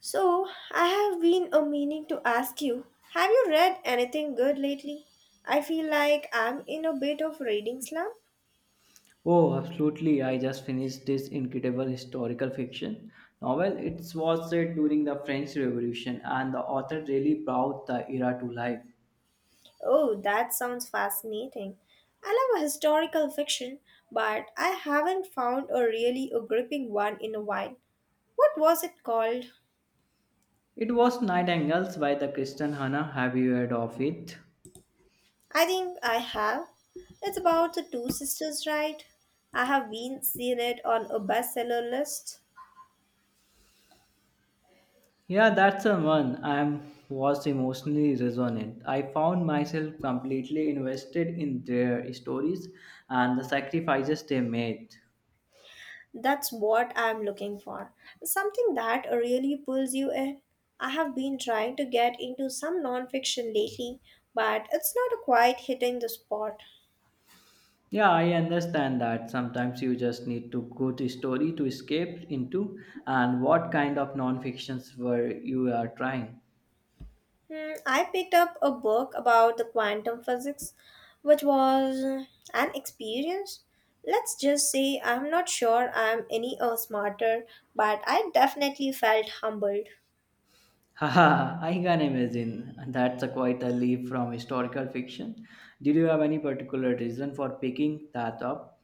So, I have been a meaning to ask you, have you read anything good lately? I feel like I'm in a bit of reading slump. Oh, absolutely. I just finished this incredible historical fiction novel. It was set during the French Revolution, and the author really brought the era to life. Oh, that sounds fascinating. I love historical fiction, but I haven't found a really a gripping one in a while. What was it called? It was Nightingales by the Kristen Hannah. Have you heard of it? I think I have. It's about the two sisters, right? I have been seeing it on a bestseller list. Yeah, that's the one. I am was emotionally resonant. I found myself completely invested in their stories and the sacrifices they made. That's what I'm looking for. Something that really pulls you in. I have been trying to get into some nonfiction lately, but it's not quite hitting the spot. Yeah, I understand that. Sometimes you just need to good story to escape into. And what kind of non-fictions were you are trying? Hmm, I picked up a book about the quantum physics, which was an experience. Let's just say I'm not sure I'm any smarter, but I definitely felt humbled. Haha, I can imagine. That's a quite a leap from historical fiction. Did you have any particular reason for picking that up?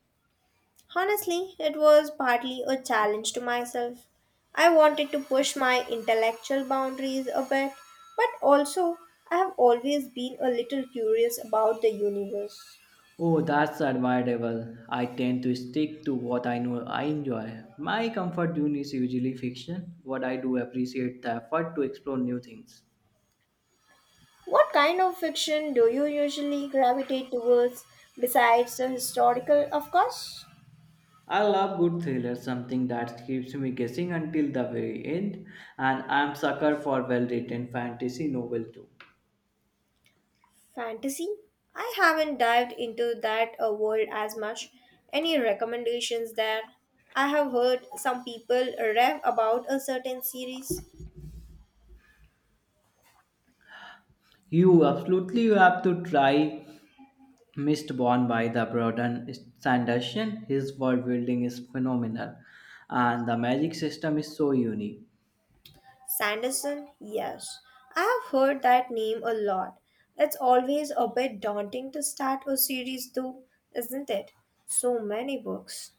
Honestly, it was partly a challenge to myself. I wanted to push my intellectual boundaries a bit, but also I have always been a little curious about the universe. Oh, that's admirable. I tend to stick to what I know I enjoy. My comfort zone is usually fiction, but I do appreciate the effort to explore new things. What kind of fiction do you usually gravitate towards besides the historical, of course? I love good thrillers, something that keeps me guessing until the very end, and I'm sucker for well-written fantasy novel too. Fantasy? I haven't dived into that world as much. Any recommendations there? I have heard some people rave about a certain series. You absolutely have to try Mistborn by the Broden Sanderson. His world building is phenomenal, and the magic system is so unique. Sanderson, yes. I have heard that name a lot. It's always a bit daunting to start a series, though, isn't it? So many books.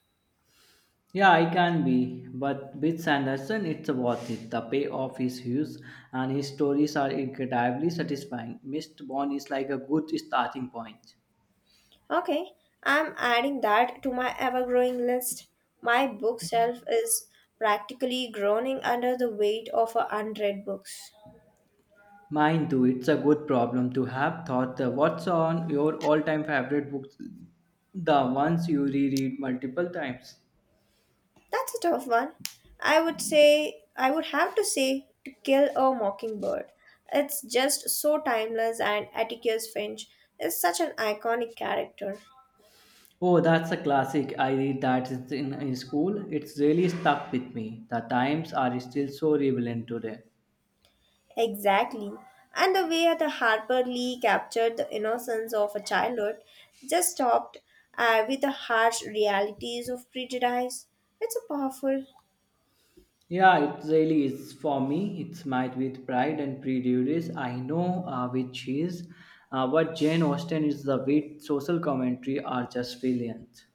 Yeah, I can be, but with Sanderson, it's worth it. The payoff is huge, and his stories are incredibly satisfying. Mistborn is like a good starting point. Okay, I'm adding that to my ever growing list. My bookshelf is practically groaning under the weight of unread books. Mine too. It's a good problem to have. Thought what's on your all-time favorite books, the ones you reread multiple times. That's a tough one. I would say, I would have to say, To Kill a Mockingbird. It's just so timeless, and Atticus Finch is such an iconic character. Oh, that's a classic. I read that it's in school. It's really stuck with me. The times are still so relevant today. Exactly. And the way the Harper Lee captured the innocence of a childhood just topped with the harsh realities of prejudice. It's a powerful Yeah, it really is for me. It's might with pride and prejudice. I know which is, but Jane Austen is the wit social commentary are just brilliant.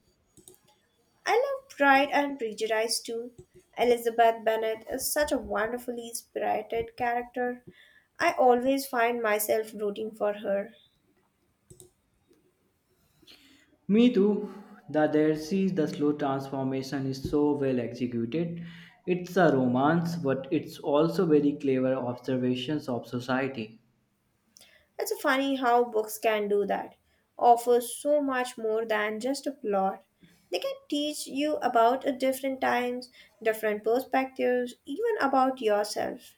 I love Pride and Prejudice too. Elizabeth Bennet is such a wonderfully spirited character. I always find myself rooting for her. Me too. The Dead Sea, the slow transformation is so well executed. It's a romance, but it's also very clever observations of society. It's funny how books can do that. Offer so much more than just a plot. They can teach you about a different times, different perspectives, even about yourself.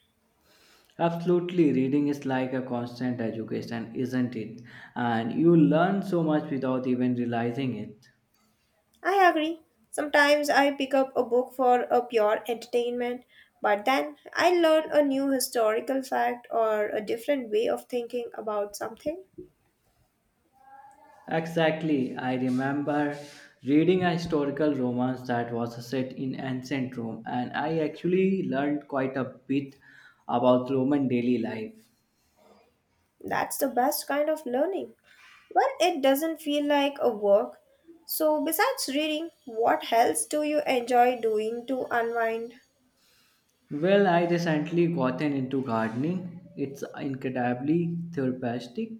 Absolutely, reading is like a constant education, isn't it? And you learn so much without even realizing it. I agree. Sometimes I pick up a book for a pure entertainment, but then I learn a new historical fact or a different way of thinking about something. Exactly. I remember reading a historical romance that was set in ancient Rome, and I actually learned quite a bit about Roman daily life. That's the best kind of learning. Well, it doesn't feel like a work. So, besides reading, what else do you enjoy doing to unwind? Well, I recently gotten into gardening. It's incredibly therapeutic.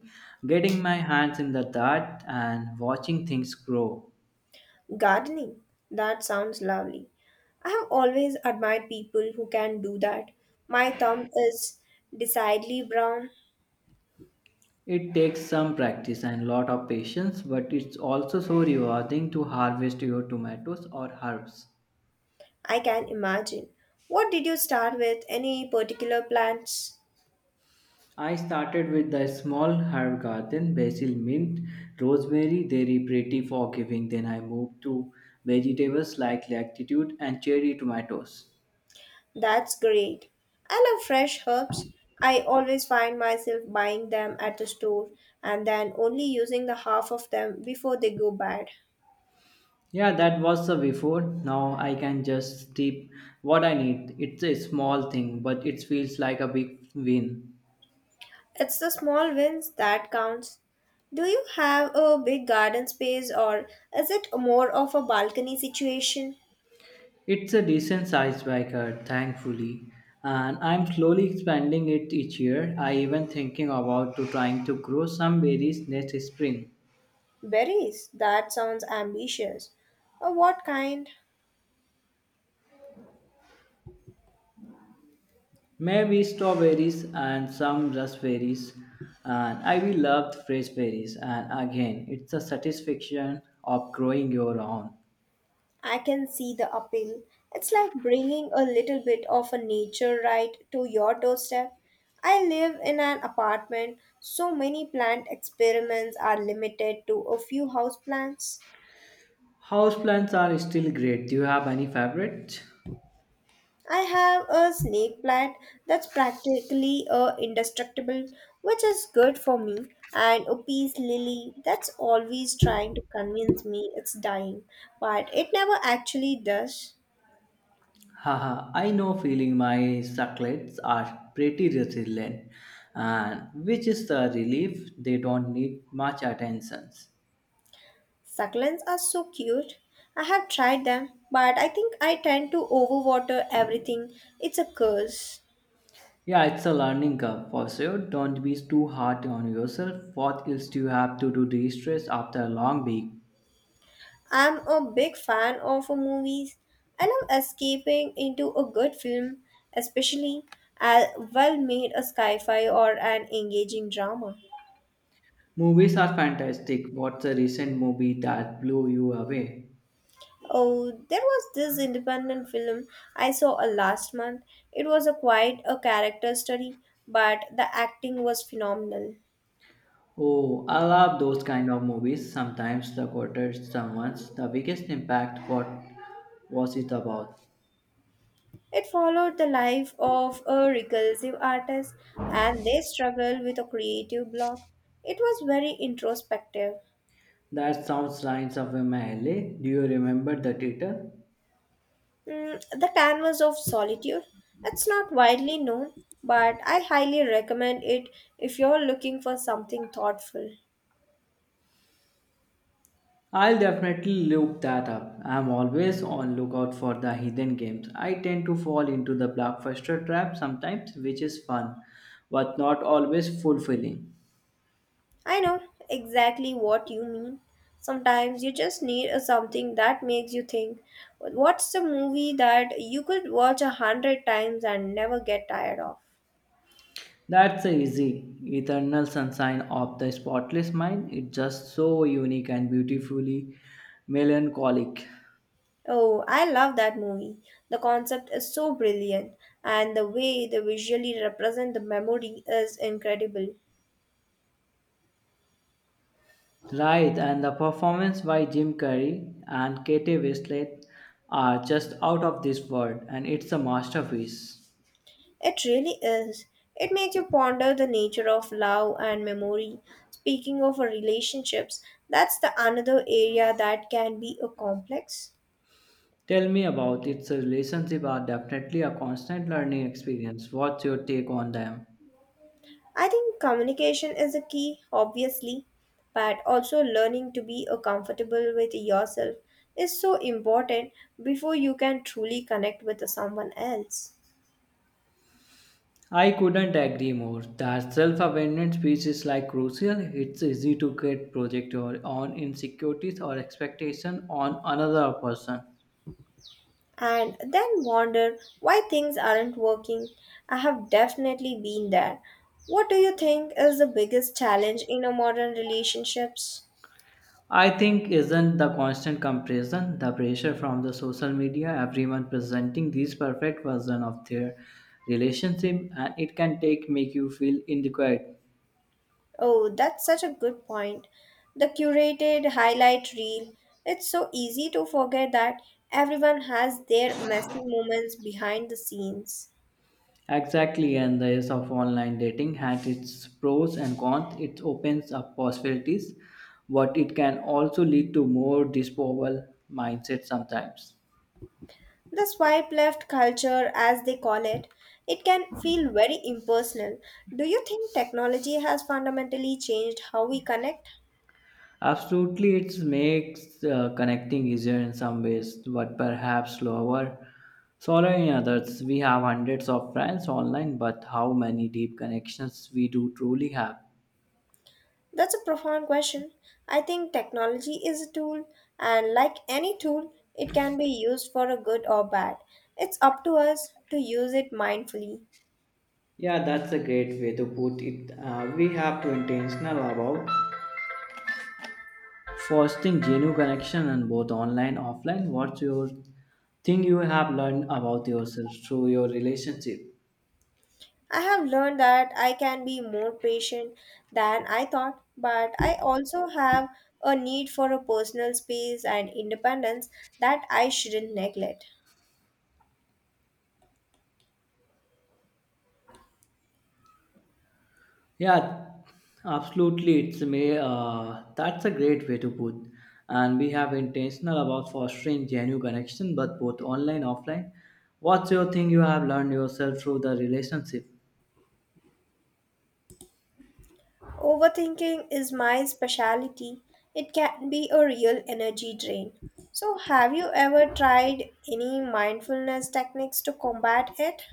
Getting my hands in the dirt and watching things grow. Gardening. That sounds lovely. I have always admired people who can do that. My thumb is decidedly brown, It takes some practice and lot of patience, but it's also so rewarding to harvest your tomatoes or herbs. I can imagine. What did you start with? Any particular plants? I started with the small herb garden, basil, mint, rosemary. They are pretty forgiving. Then I moved to vegetables like latitude and cherry tomatoes. That's great. I love fresh herbs. I always find myself buying them at the store and then only using the half of them before they go bad. Yeah, that was the before. Now I can just keep what I need. It's a small thing, but it feels like a big win. It's the small wins that counts. Do you have a big garden space or is it more of a balcony situation? It's a decent sized backyard, thankfully, and I'm slowly expanding it each year. I even thinking about to trying to grow some berries next spring. Berries, that sounds ambitious. Or what kind? Maybe strawberries and some raspberries. And I will love fresh berries. And again, it's a satisfaction of growing your own. I can see the appeal. It's like bringing a little bit of a nature right to your doorstep. I live in an apartment, so many plant experiments are limited to a few house plants. Houseplants are still great. Do you have any favorites? I have a snake plant that's practically indestructible, which is good for me, and a peace lily that's always trying to convince me it's dying, but it never actually does. Haha, I know feeling my succulents are pretty resilient, and which is the relief they don't need much attention. Succulents are so cute. I have tried them, but I think I tend to overwater everything. It's a curse. Yeah, it's a learning curve for sure. Don't be too hard on yourself. What else do you have to do de stress after a long week? I'm a big fan of movies. I love escaping into a good film, especially a well made a sci fi or an engaging drama. Movies are fantastic. What's a recent movie that blew you away? Oh, there was this independent film I saw last month. It was a quite a character study, but the acting was phenomenal. Oh, I love those kind of movies. Sometimes the quarters, someone's the biggest impact. What was it about? It followed the life of a recursive artist and their struggle with a creative block. It was very introspective. That sounds lines of MLA. Do you remember the title? Mm, the Canvas of Solitude. It's not widely known, but I highly recommend it if you're looking for something thoughtful. I'll definitely look that up. I'm always on lookout for the hidden games. I tend to fall into the blockbuster trap sometimes, which is fun, but not always fulfilling. I know exactly what you mean. Sometimes you just need a something that makes you think. What's the movie that you could watch a hundred times and never get tired of? That's easy. Eternal Sunshine of the Spotless Mind. It's just so unique and beautifully melancholic. Oh, I love that movie. The concept is so brilliant, and the way they visually represent the memory is incredible. Right, and the performance by Jim Carrey and Kate Winslet are just out of this world, and it's a masterpiece. It really is. It makes you ponder the nature of love and memory. Speaking of relationships, that's the another area that can be a complex. Tell me about its relationship are definitely a constant learning experience. What's your take on them? I think communication is a key, obviously, but also learning to be a comfortable with yourself is so important before you can truly connect with someone else. I couldn't agree more. That self-awareness piece is like crucial. It's easy to get projected on insecurities or expectation on another person. And then wonder why things aren't working. I have definitely been there. What do you think is the biggest challenge in a modern relationships? I think isn't the constant comparison, the pressure from the social media, everyone presenting this perfect version of their relationship, and it can take make you feel inadequate. Oh, that's such a good point. The curated highlight reel. It's so easy to forget that everyone has their messy moments behind the scenes. Exactly, and the age of online dating has its pros and cons. It opens up possibilities, but it can also lead to more disposable mindset sometimes. The swipe left culture, as they call it, it can feel very impersonal. Do you think technology has fundamentally changed how we connect? Absolutely, it makes connecting easier in some ways, but perhaps slower. Slower in others. We have hundreds of friends online, but how many deep connections we do truly have? That's a profound question. I think technology is a tool, and like any tool, it can be used for a good or bad. It's up to us to use it mindfully. Yeah, that's a great way to put it. We have to intentional about fostering genuine connection and both online and offline. What's your thing you have learned about yourself through your relationship? I have learned that I can be more patient than I thought, but I also have a need for a personal space and independence that I shouldn't neglect. Yeah, absolutely. It's may that's a great way to put. And we have intentional about fostering genuine connection, but both online offline. What's your thing you have learned yourself through the relationship? Overthinking is my specialty. It can be a real energy drain. So, have you ever tried any mindfulness techniques to combat it?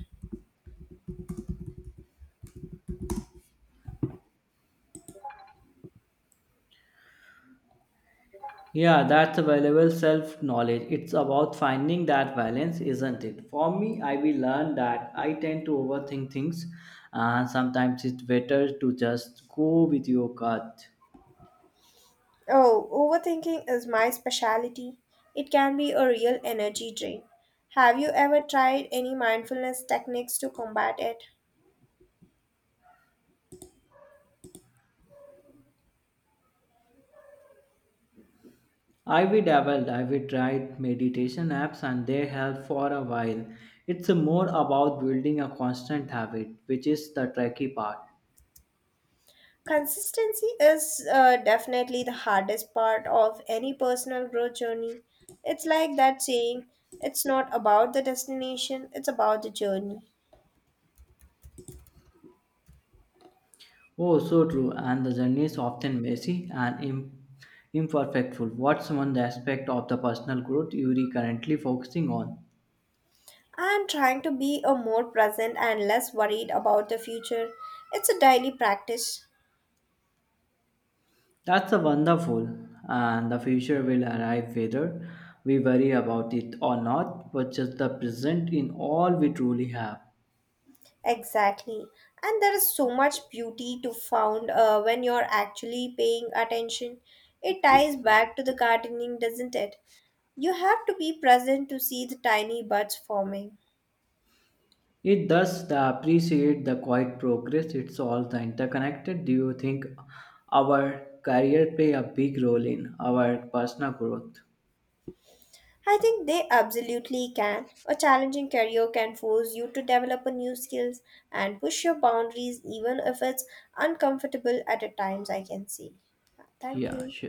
Yeah, that's a valuable self knowledge. It's about finding that balance, isn't it? For me, I will learn that I tend to overthink things, and sometimes it's better to just go with your gut. Oh, overthinking is my specialty. It can be a real energy drain. Have you ever tried any mindfulness techniques to combat it? I will dabbled, I will tried meditation apps, and they help for a while. It's more about building a constant habit, which is the tricky part. Consistency is definitely the hardest part of any personal growth journey. It's like that saying, it's not about the destination, it's about the journey. Oh, so true. And the journey is often messy and imperfectful. What's one aspect of the personal growth you are currently focusing on? I'm trying to be a more present and less worried about the future. It's a daily practice. That's a wonderful, and the future will arrive whether we worry about it or not, but just the present in all we truly have. Exactly. And there is so much beauty to found when you're actually paying attention. It ties back to the gardening, doesn't it? You have to be present to see the tiny buds forming. It does the appreciate the quiet progress. It's all the interconnected. Do you think our career play a big role in our personal growth? I think they absolutely can. A challenging career can force you to develop a new skills and push your boundaries even if it's uncomfortable at a times I can see. Thank Yeah, you. sure.